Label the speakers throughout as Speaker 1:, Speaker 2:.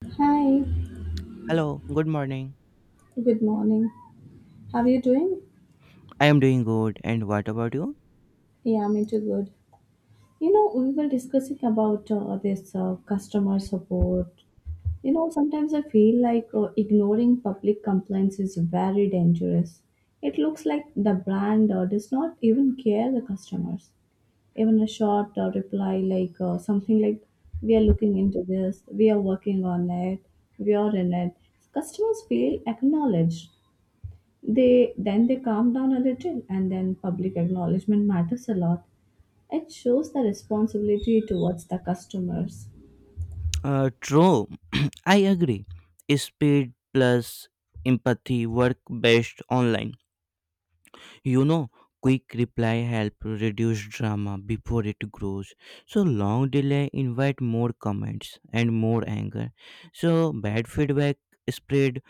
Speaker 1: Hi,
Speaker 2: Hello, good morning.
Speaker 1: good morning. How are you doing?
Speaker 2: I am doing good. And what about you?
Speaker 1: Yeah, I'm into good. We were discussing about this customer support. Sometimes I feel like ignoring public complaints is very dangerous. It looks like the brand does not even care the customers. Even a short reply like something like, "We are looking into this. We are working on it. We are in it." Customers feel acknowledged. They then they calm down a little, and then public acknowledgement matters a lot. It shows the responsibility towards the customers.
Speaker 2: True, I agree. Speed plus empathy work best online. You know, quick reply help reduce drama before it grows. So long delay invite more comments and more anger. So bad feedback spread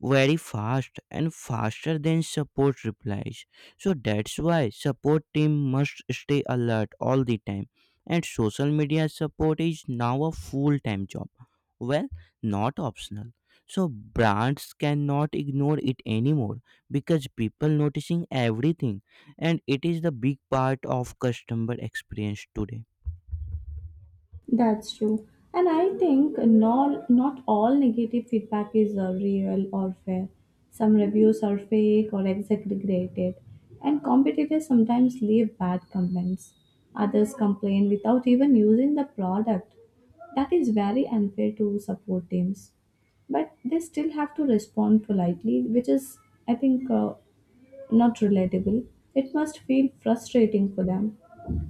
Speaker 2: very fast and faster than support replies. So that's why support team must stay alert all the time. And social media support is now a full-time job. Well, not optional. So brands cannot ignore it anymore because people noticing everything, and it is the big part of customer experience today.
Speaker 1: That's true. And I think not all negative feedback is real or fair. Some reviews are fake or exaggerated, and competitors sometimes leave bad comments. Others complain without even using the product. That is very unfair to support teams. But they still have to respond politely, which is, I think, not relatable, it must feel frustrating for them.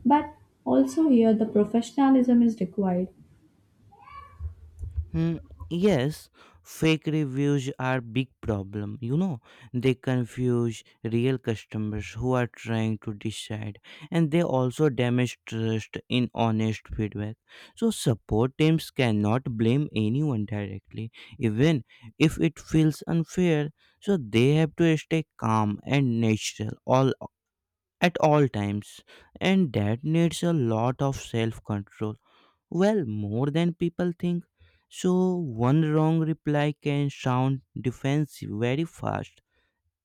Speaker 1: But also here the professionalism is required.
Speaker 2: Hmm, yes, fake reviews are big problem, they confuse real customers who are trying to decide, and they also damage trust in honest feedback. So support teams cannot blame anyone directly, even if it feels unfair. So they have to stay calm and natural all at all times, and that needs a lot of self control. Well, more than people think. So one wrong reply can sound defensive very fast,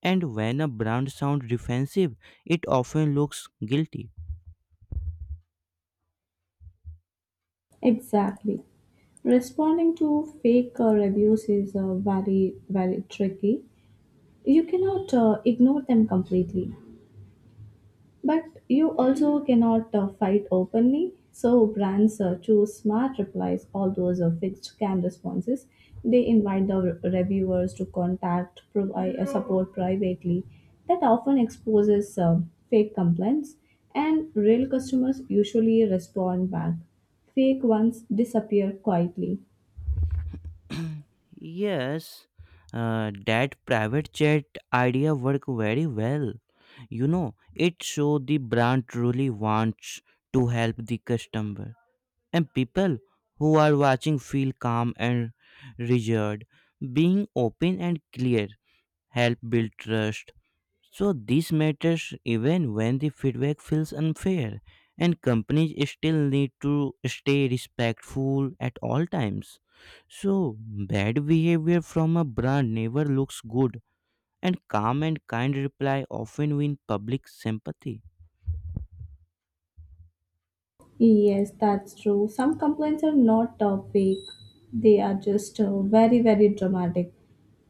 Speaker 2: and when a brand sounds defensive, it often looks guilty.
Speaker 1: Exactly. Responding to fake reviews is very, very tricky. You cannot ignore them completely. But you also cannot fight openly. So brands choose smart replies, all those fixed canned responses. They invite the reviewers to contact, provide support privately. That often exposes fake complaints, and real customers usually respond back. Fake ones disappear quietly.
Speaker 2: Yes, that private chat idea worked very well. It shows the brand truly wants to help the customer. And people who are watching feel calm and reassured. Being open and clear help build trust. So this matters even when the feedback feels unfair, and companies still need to stay respectful at all times. So bad behavior from a brand never looks good, and calm and kind reply often win public sympathy.
Speaker 1: Yes, that's true. Some complaints are not fake, they are just very, very dramatic.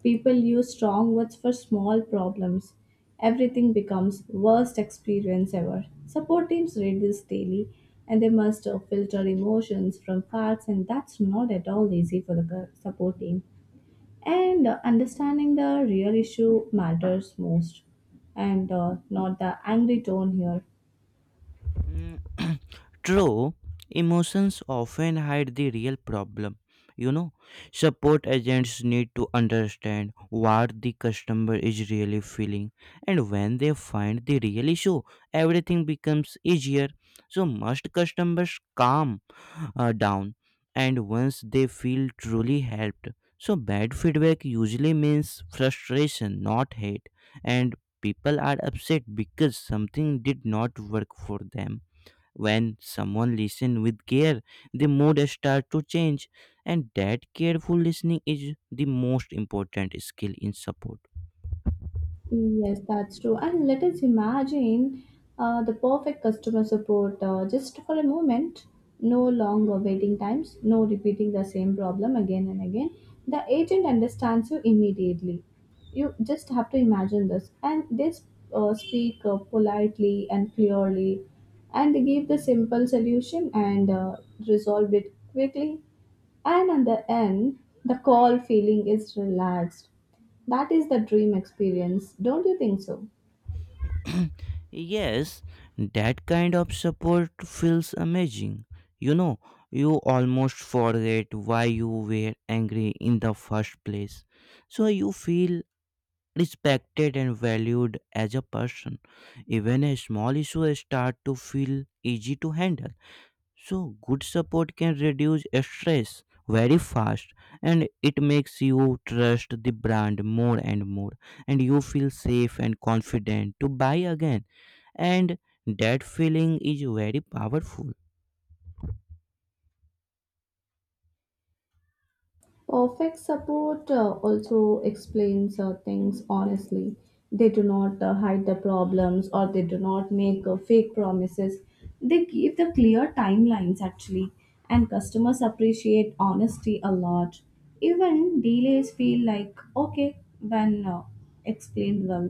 Speaker 1: People use strong words for small problems. Everything becomes worst experience ever. Support teams read this daily and they must filter emotions from facts, and that's not at all easy for the support team. And understanding the real issue matters most, and not the angry tone here.
Speaker 2: Mm, true, emotions often hide the real problem. You know, support agents need to understand what the customer is really feeling, and when they find the real issue, everything becomes easier. So must customers calm down, and once they feel truly helped. So bad feedback usually means frustration, not hate, and people are upset because something did not work for them. When someone listens with care, the mood starts to change, and that careful listening is the most important skill in support.
Speaker 1: Yes, that's true. And let us imagine the perfect customer support just for a moment. No longer waiting times, no repeating the same problem again and again. The agent understands you immediately. You just have to imagine this. And they speak politely and clearly, and they give the simple solution and resolve it quickly. And at the end, the call feeling is relaxed. That is the dream experience, don't you think so?
Speaker 2: Yes, that kind of support feels amazing. You know, you almost forget why you were angry in the first place. So you feel respected and valued as a person. Even a small issue start to feel easy to handle. So good support can reduce stress very fast, and it makes you trust the brand more and more, and you feel safe and confident to buy again. And that feeling is very powerful.
Speaker 1: Perfect support also explains things honestly. They do not hide the problems or they do not make fake promises. They give the clear timelines actually, and customers appreciate honesty a lot. Even delays feel like okay when explained well.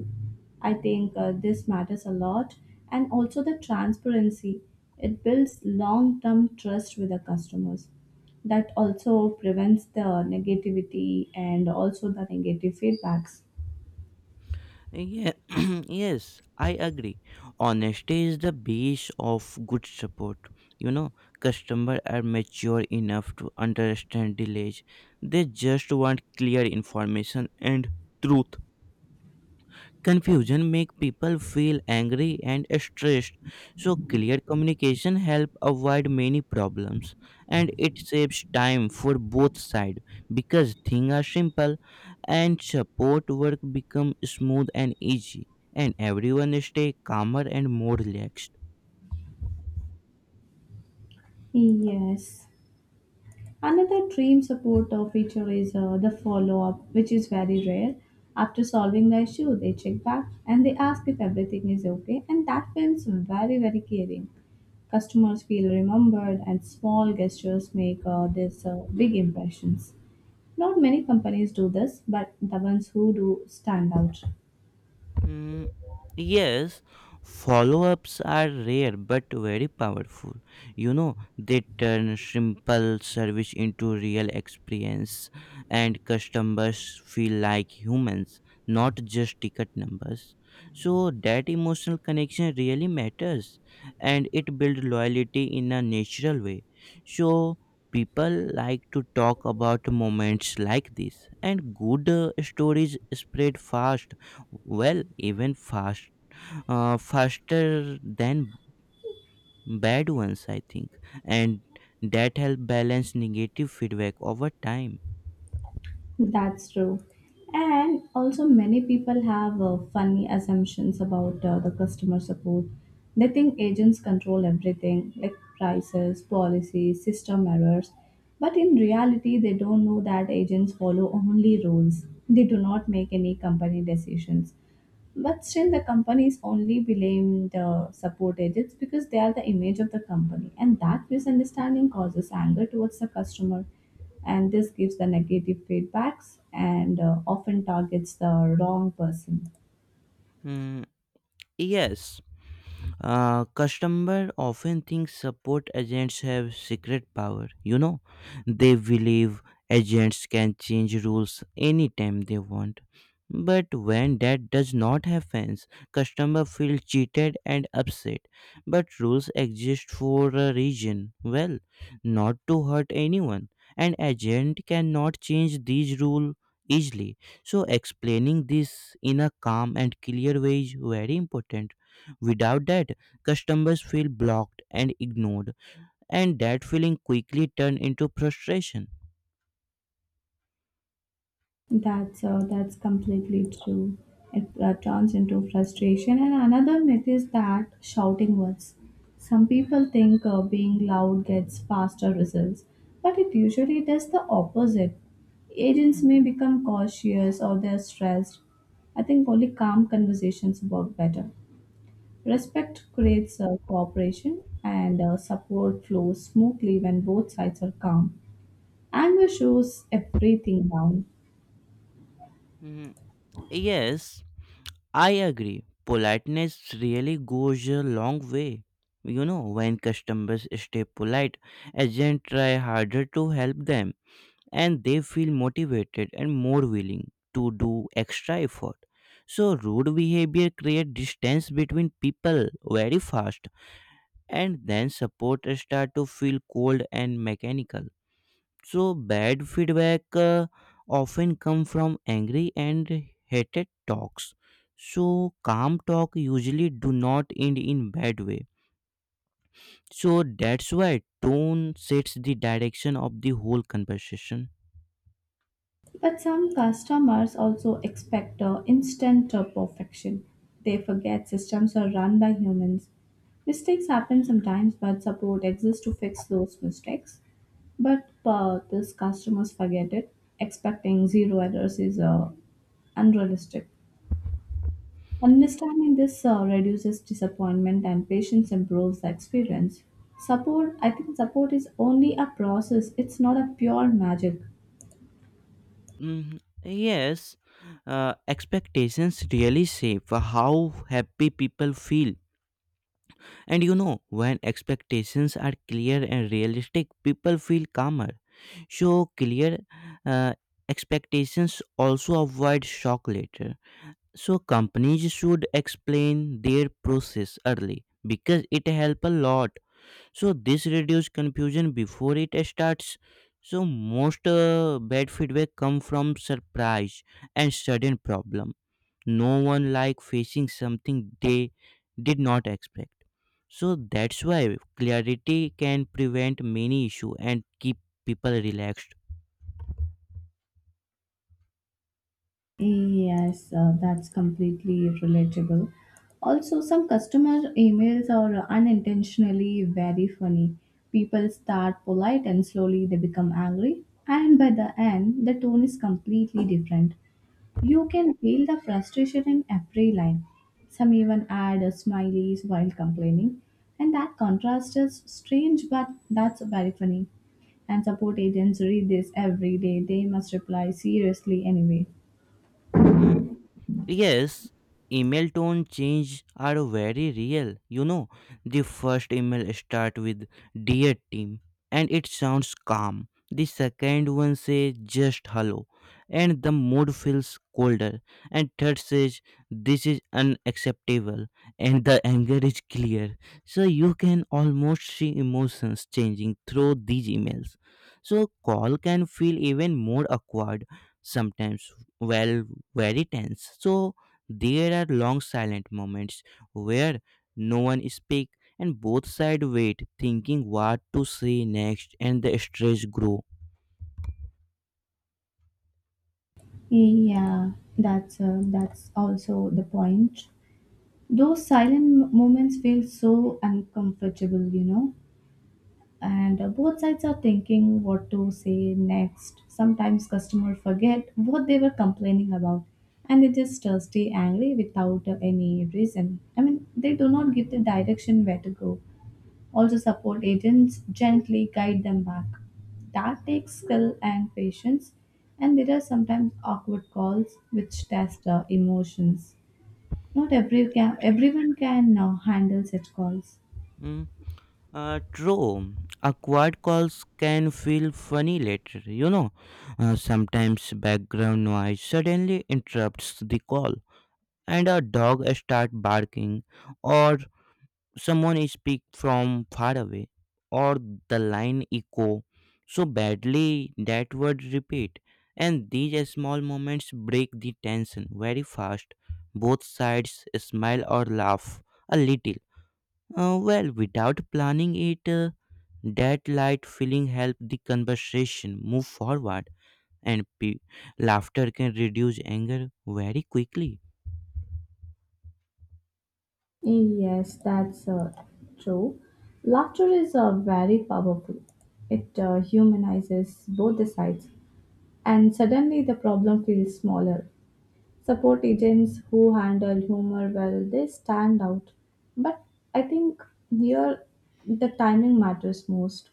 Speaker 1: I think this matters a lot, and also the transparency. It builds long term trust with the customers that also prevents the negativity and also the negative feedbacks.
Speaker 2: Yeah, yes, I agree. Honesty is the base of good support. You know, customers are mature enough to understand delays, they just want clear information and truth. Confusion make people feel angry and stressed. So clear communication help avoid many problems, and it saves time for both sides because things are simple and support work become smooth and easy and everyone stay calmer and more relaxed.
Speaker 1: Yes. Another dream support feature is the follow up, which is very rare. After solving the issue, they check back and they ask if everything is okay, and that feels very, very caring. Customers feel remembered, and small gestures make this big impressions. Not many companies do this, but the ones who do stand out.
Speaker 2: Mm, yes, follow ups are rare but very powerful. They turn simple service into real experience, and customers feel like humans, not just ticket numbers. So that emotional connection really matters, and it builds loyalty in a natural way. So people like to talk about moments like this, and good stories spread fast, well even fast, faster than bad ones I think, and that help balance negative feedback over time.
Speaker 1: That's true. And also, many people have funny assumptions about the customer support. They think agents control everything, like prices, policies, system errors. But in reality, they don't know that agents follow only rules. They do not make any company decisions. But still, the companies only blame the support agents because they are the image of the company, and that misunderstanding causes anger towards the customer, and this gives the negative feedbacks and often targets the wrong person.
Speaker 2: Mm, yes. Customer often think support agents have secret power. They believe agents can change rules anytime they want. But when that does not happen, customer feel cheated and upset. But rules exist for a reason. Well, not to hurt anyone. An agent cannot change these rules easily. So explaining this in a calm and clear way is very important. Without that, customers feel blocked and ignored, and that feeling quickly turns into frustration.
Speaker 1: That's completely true. It turns into frustration. And another myth is that shouting works. Some people think being loud gets faster results, but it usually does the opposite. Agents may become cautious or they're stressed. I think only calm conversations work better. Respect creates cooperation, and support flows smoothly when both sides are calm. Anger shows everything down.
Speaker 2: Mm, yes, I agree. Politeness really goes a long way. When customers stay polite, agents try harder to help them, and they feel motivated and more willing to do extra effort. So rude behavior creates distance between people very fast, and then support start to feel cold and mechanical. So bad feedback often come from angry and hated talks. So calm talk usually do not end in bad way. So that's why tone sets the direction of the whole conversation.
Speaker 1: But some customers also expect instant perfection. They forget systems are run by humans. Mistakes happen sometimes, but support exists to fix those mistakes. But these customers forget it. Expecting zero errors is unrealistic. Understanding this reduces disappointment and patience improves the experience. Support, I think, support is only a process, it's not a pure magic.
Speaker 2: Mhm. Yes, expectations really shape how happy people feel. And when expectations are clear and realistic, people feel calmer. So clear uh, expectations also avoid shock later. So companies should explain their process early because it helps a lot. So this reduces confusion before it starts. So most bad feedback come from surprise and sudden problem. No one like facing something they did not expect. So that's why clarity can prevent many issue and keep people relaxed.
Speaker 1: Yes, that's completely relatable. Also, some customer emails are unintentionally very funny. People start polite and slowly they become angry, and by the end, the tone is completely different. You can feel the frustration in every line. Some even add smileys while complaining, and that contrast is strange, but that's very funny. And support agents read this every day, they must reply seriously anyway.
Speaker 2: Yes, email tone change are very real. The first email start with dear team and it sounds calm. The second one says just hello and the mood feels colder. And third says this is unacceptable and the anger is clear. So you can almost see emotions changing through these emails. So call can feel even more awkward sometimes. Well, very tense. So there are long silent moments where no one speaks and both sides wait, thinking what to say next, and the stress grow.
Speaker 1: Yeah, that's also the point. Those silent moments feel so uncomfortable. And both sides are thinking what to say next. Sometimes customer forget what they were complaining about, and they just stay angry without any reason. I mean, they do not give the direction where to go. Also support agents gently guide them back. That takes skill and patience, and there are sometimes awkward calls which test emotions. Not everyone can now handle such calls.
Speaker 2: Mm, true, awkward calls can feel funny later. Sometimes background noise suddenly interrupts the call, and a dog start barking, or someone speak from far away, or the line echo so badly that word repeat. And these small moments break the tension very fast. Both sides smile or laugh a little. Well without planning it, that light feeling help the conversation move forward, and laughter can reduce anger very quickly.
Speaker 1: Yes, that's true. Laughter is very powerful. It humanizes both the sides, and suddenly the problem feels smaller. Support agents who handle humor well, they stand out. But I think here the timing matters most.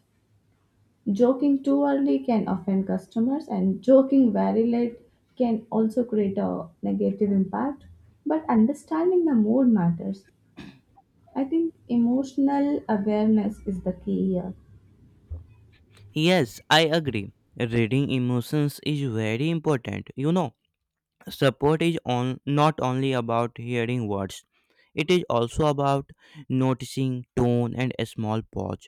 Speaker 1: Joking too early can offend customers, and joking very late can also create a negative impact. But understanding the mood matters. I think emotional awareness is the key here.
Speaker 2: Yes, I agree, reading emotions is very important. Support is on, not only about hearing words, it is also about noticing tone and a small pause.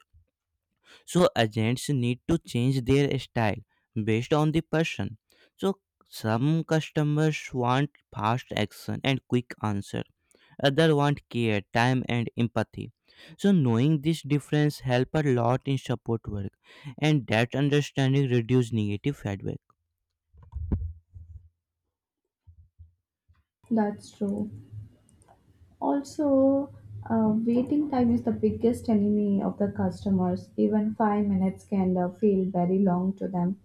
Speaker 2: So agents need to change their style based on the person. So some customers want fast action and quick answer, other want care, time, and empathy. So knowing this difference help a lot in support work, and that understanding reduce negative feedback.
Speaker 1: That's true. Also, waiting time is the biggest enemy of the customers. Even 5 minutes can feel very long to them,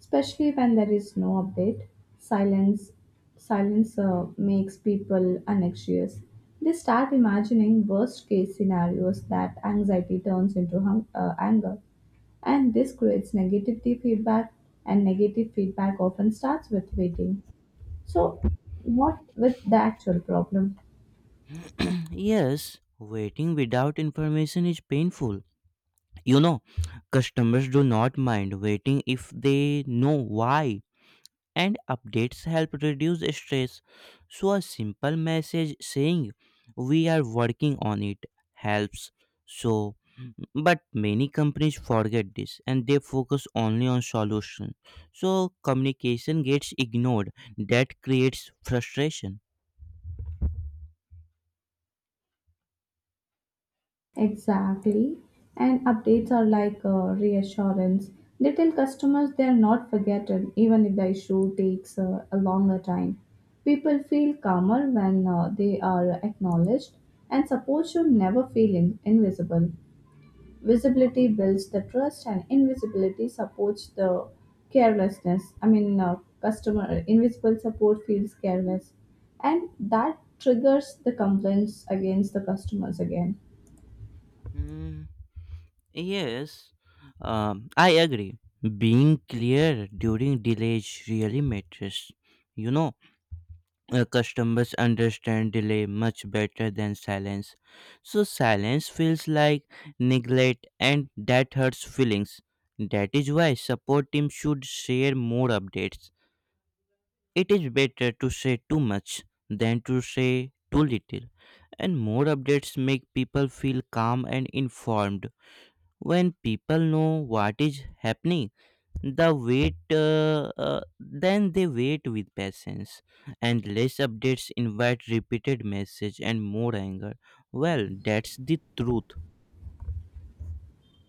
Speaker 1: especially when there is no update. Silence, silence makes people anxious. They start imagining worst case scenarios that anxiety turns into anger, and this creates negativity feedback. And negative feedback often starts with waiting. So, what with the actual problem?
Speaker 2: Yes, waiting without information is painful. You know, customers do not mind waiting if they know why, and updates help reduce stress. So a simple message saying we are working on it helps. So, but many companies forget this and they focus only on solution. So communication gets ignored. That creates frustration.
Speaker 1: Exactly. And updates are like reassurance. They tell customers they are not forgotten, even if the issue takes a longer time. People feel calmer when they are acknowledged, and support should never feel invisible. Visibility builds the trust, and invisibility supports the carelessness. I mean, customer invisible support feels careless, and that triggers the complaints against the customers again.
Speaker 2: Mm, yes, I agree. Being clear during delays really matters. You know, customers understand delay much better than silence. So silence feels like neglect and that hurts feelings. That is why support team should share more updates. It is better to say too much than to say too little. And more updates make people feel calm and informed. When people know what is happening, the wait then they wait with patience, and less updates invite repeated message and more anger. Well, that's the truth.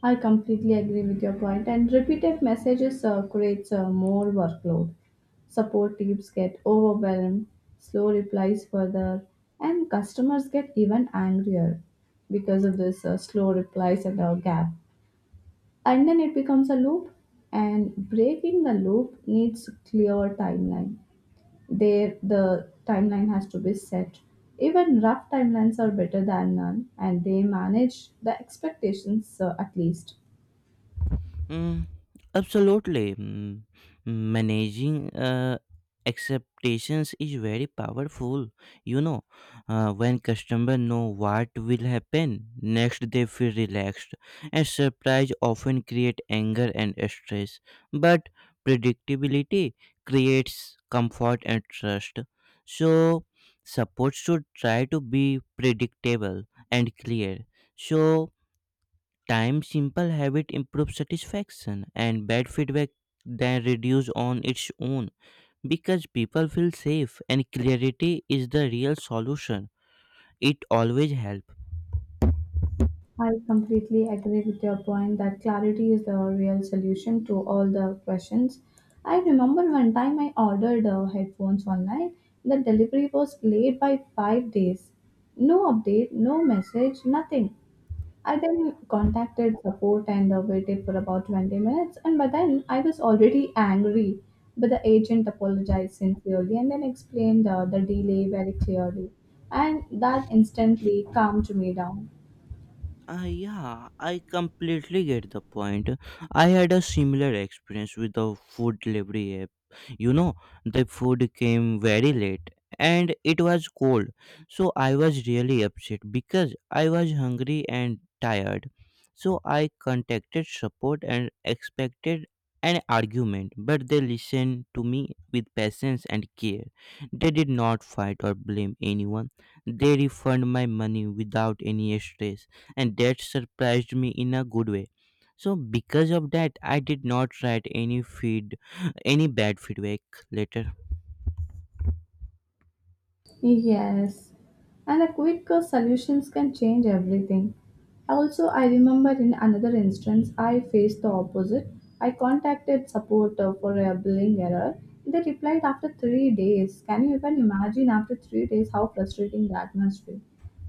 Speaker 1: I completely agree with your point, and repeated messages creates more workload. Support teams get overwhelmed, slow replies further, and customers get even angrier because of this slow replies and our gap. And then it becomes a loop, and breaking the loop needs clear timeline. There, the timeline has to be set. Even rough timelines are better than none, and they manage the expectations at least.
Speaker 2: Mm, absolutely. Mm, managing expectations is very powerful. You know, when customer know what will happen next, they feel relaxed. And surprise often create anger and stress, but predictability creates comfort and trust. So support should try to be predictable and clear. So time simple habit improves satisfaction and bad feedback then reduce on its own because people feel safe and clarity is the real solution. It always helps.
Speaker 1: I completely agree with your point that clarity is the real solution to all the questions. I remember one time I ordered headphones online. The delivery was late by 5 days. No update, no message, nothing. I then contacted support and waited for about 20 minutes, and by then I was already angry. But the agent apologized sincerely and then explained the delay very clearly, and that instantly calmed me down.
Speaker 2: Yeah, I completely get the point. I had a similar experience with the food delivery app. You know, the food came very late and it was cold. So I was really upset because I was hungry and tired. So I contacted support and expected an argument, but they listened to me with patience and care. They did not fight or blame anyone. They refund my money without any stress, and that surprised me in a good way. So because of that I did not write any feed any bad feedback later.
Speaker 1: Yes, and a quick solutions can change everything. Also, I remember in another instance, I faced the opposite. I contacted support for a billing error. They replied after 3 days. Can you even imagine after 3 days how frustrating that must be?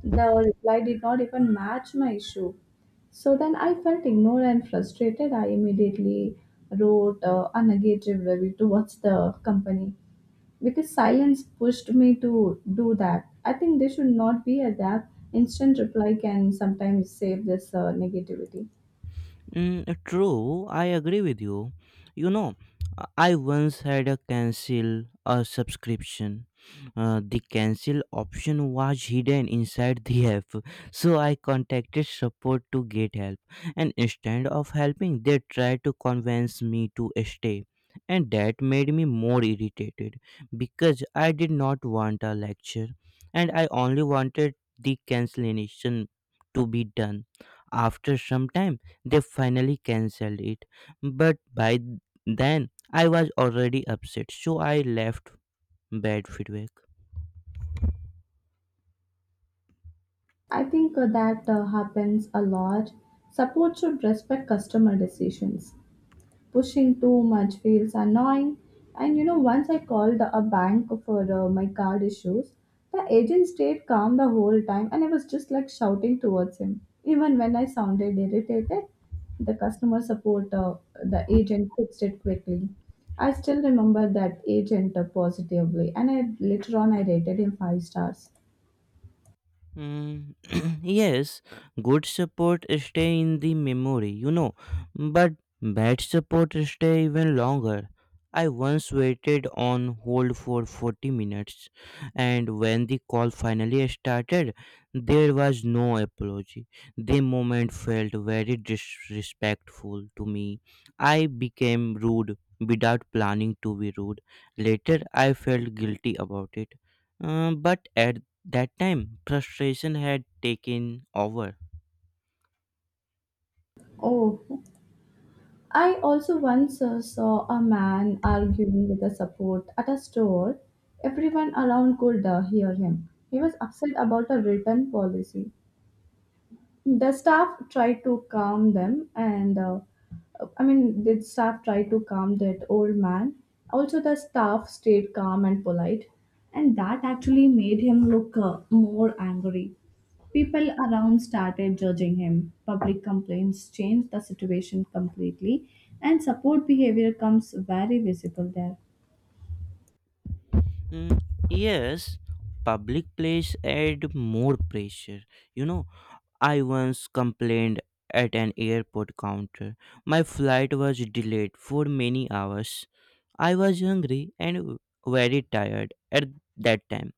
Speaker 1: The reply did not even match my issue. So then I felt ignored and frustrated. I immediately wrote a negative review towards the company because silence pushed me to do that. I think there should not be a that. Instant reply can sometimes save this negativity.
Speaker 2: Mm, true, I agree with you. You know, I once had a cancel a subscription. The cancel option was hidden inside the app, so I contacted support to get help. And instead of helping, they tried to convince me to stay. And that made me more irritated because I did not want a lecture and I only wanted the cancellation to be done. After some time, they finally cancelled it, but by then I was already upset, so I left bad feedback.
Speaker 1: I think that happens a lot. Support should respect customer decisions. Pushing too much feels annoying. And once I called a bank for my card issues, the agent stayed calm the whole time and I was just like shouting towards him. Even when I sounded irritated, the agent fixed it quickly. I still remember that agent positively and I later on I rated him five stars.
Speaker 2: Mm, yes, good support stay in the memory, but bad support stay even longer. I once waited on hold for 40 minutes, and when the call finally started, there was no apology. The moment felt very disrespectful to me. I became rude without planning to be rude. Later, I felt guilty about it. But at that time, frustration had taken over.
Speaker 1: Oh, I also once saw a man arguing with a support at a store. Everyone around could hear him. He was upset about a return policy. The staff tried to calm them, and I mean, the staff tried to calm that old man. Also, the staff stayed calm and polite, and that actually made him look more angry. People around started judging him. Public complaints changed the situation completely, and support behavior comes very visible there.
Speaker 2: Mm, yes, public place add more pressure. You know, I once complained at an airport counter. My flight was delayed for many hours. I was hungry and very tired at that time.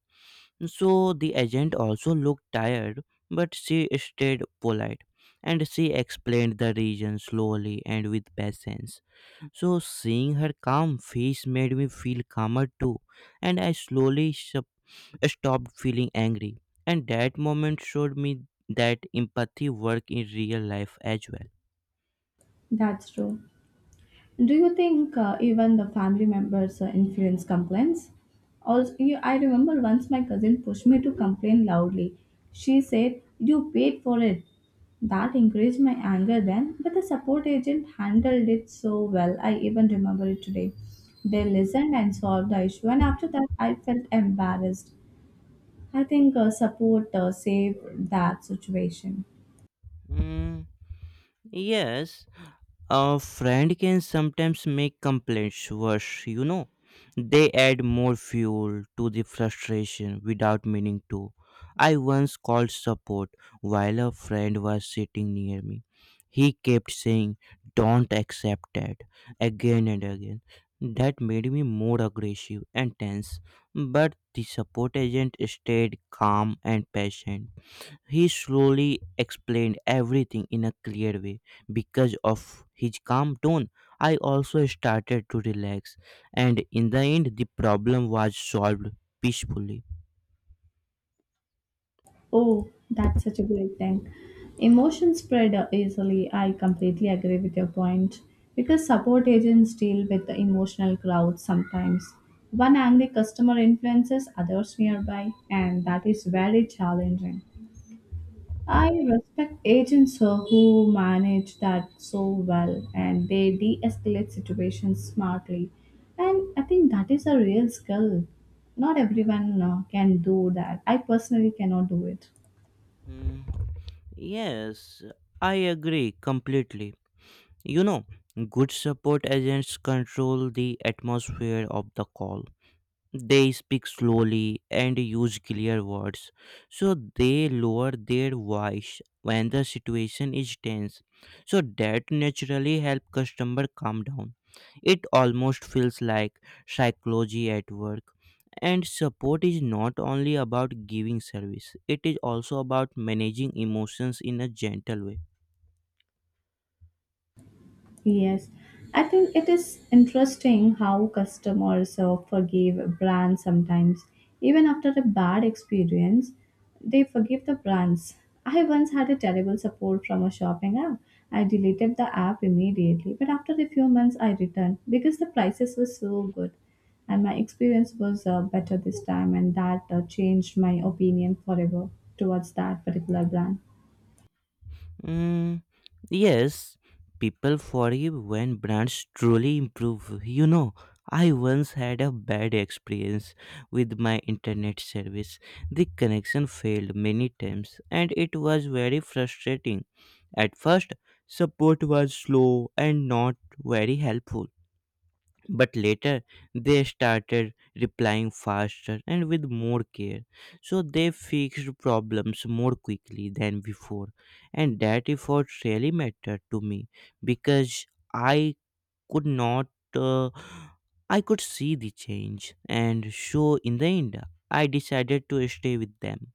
Speaker 2: So the agent also looked tired, but she stayed polite and she explained the reason slowly and with patience. So seeing her calm face made me feel calmer too, and I slowly stopped feeling angry. And that moment showed me that empathy work in real life as well.
Speaker 1: That's true. Do you think even the family members influence complaints? Also, I remember once my cousin pushed me to complain loudly. She said, "You paid for it." That increased my anger then, but the support agent handled it so well. I even remember it today. They listened and solved the issue, and after that, I felt embarrassed. I think support saved that situation.
Speaker 2: Mm, yes, a friend can sometimes make complaints worse, They add more fuel to the frustration without meaning to. I once called support while a friend was sitting near me. He kept saying, Don't accept that, again and again. That made me more aggressive and tense, but the support agent stayed calm and patient. He slowly explained everything in a clear way. Because of his calm tone, I also started to relax, and in the end, the problem was solved peacefully.
Speaker 1: Oh, that's such a great thing. Emotion spread easily. I completely agree with your point. Because support agents deal with the emotional crowds sometimes. One angry customer influences others nearby, and that is very challenging. I respect agents who manage that so well and they de escalate situations smartly. And I think that is a real skill. Not everyone can do that. I personally cannot do it.
Speaker 2: Hmm, yes, I agree completely. You know, good support agents control the atmosphere of the call. They speak slowly and use clear words, so they lower their voice when the situation is tense. So that naturally help customer calm down. It almost feels like psychology at work. And support is not only about giving service; it is also about managing emotions in a gentle way.
Speaker 1: Yes, I think it is interesting how customers forgive brands sometimes. Even after a bad experience, they forgive the brands. I once had a terrible support from a shopping app. I deleted the app immediately, but after a few months, I returned because the prices were so good. And my experience was better this time, and that changed my opinion forever towards that particular brand.
Speaker 2: Mm, yes, people forgive when brands truly improve. I once had a bad experience with my internet service. The connection failed many times and it was very frustrating. At first, support was slow and not very helpful. But later they started replying faster and with more care. So they fixed problems more quickly than before. And that effort really mattered to me because I could not, uh, I could see the change. And so in the end, I decided to stay with them.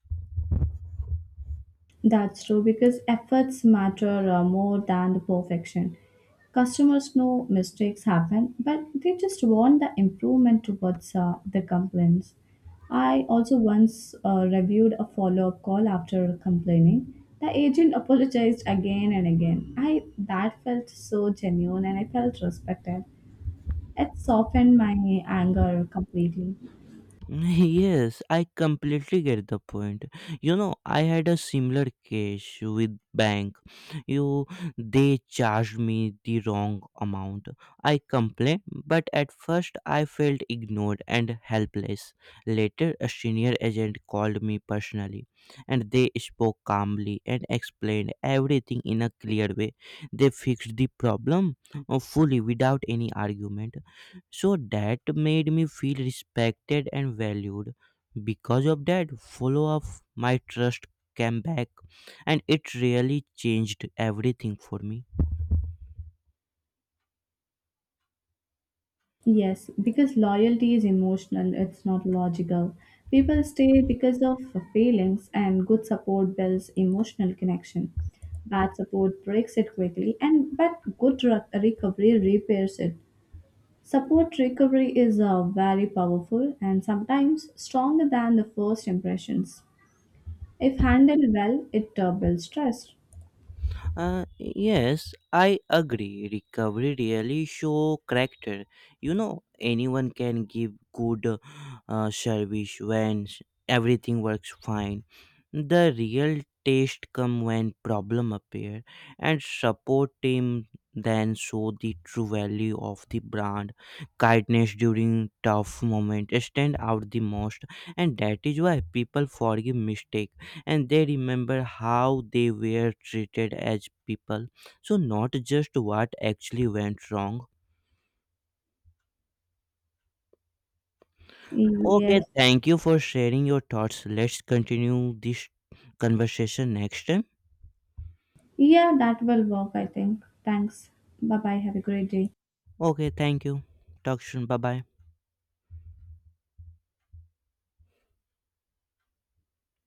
Speaker 1: That's true because efforts matter more than the perfection. Customers know mistakes happen, but they just want the improvement towards the complaints. I also once reviewed a follow up call after complaining. The agent apologized again and again. I that felt so genuine and I felt respected. It softened my anger completely.
Speaker 2: Yes, I completely get the point. I had a similar case with bank. You they charged me the wrong amount. I complained, but at first I felt ignored and helpless. Later a senior agent called me personally, and they spoke calmly and explained everything in a clear way. They fixed the problem fully without any argument. So that made me feel respected and valued. Because of that follow up, my trust came back, and it really changed everything for me.
Speaker 1: Yes, because loyalty is emotional, it's not logical. People stay because of feelings, and good support builds emotional connection. Bad support breaks it quickly, and but good recovery repairs it. Support recovery is very powerful and sometimes stronger than the first impressions. If handled well, it builds trust.
Speaker 2: Yes, I agree. Recovery really show character. Anyone can give good service when everything works fine. The real test come when problem appear and support team then show the true value of the brand. Kindness during tough moment stand out the most, and that is why people forgive mistake and they remember how they were treated as people, so not just what actually went wrong. Okay,
Speaker 1: Yes,
Speaker 2: thank you for sharing your thoughts. Let's continue this conversation next time.
Speaker 1: yeah, that will work, I think. Thanks. Bye bye. Have a great day.
Speaker 2: Okay, thank you. Talk soon. Bye bye.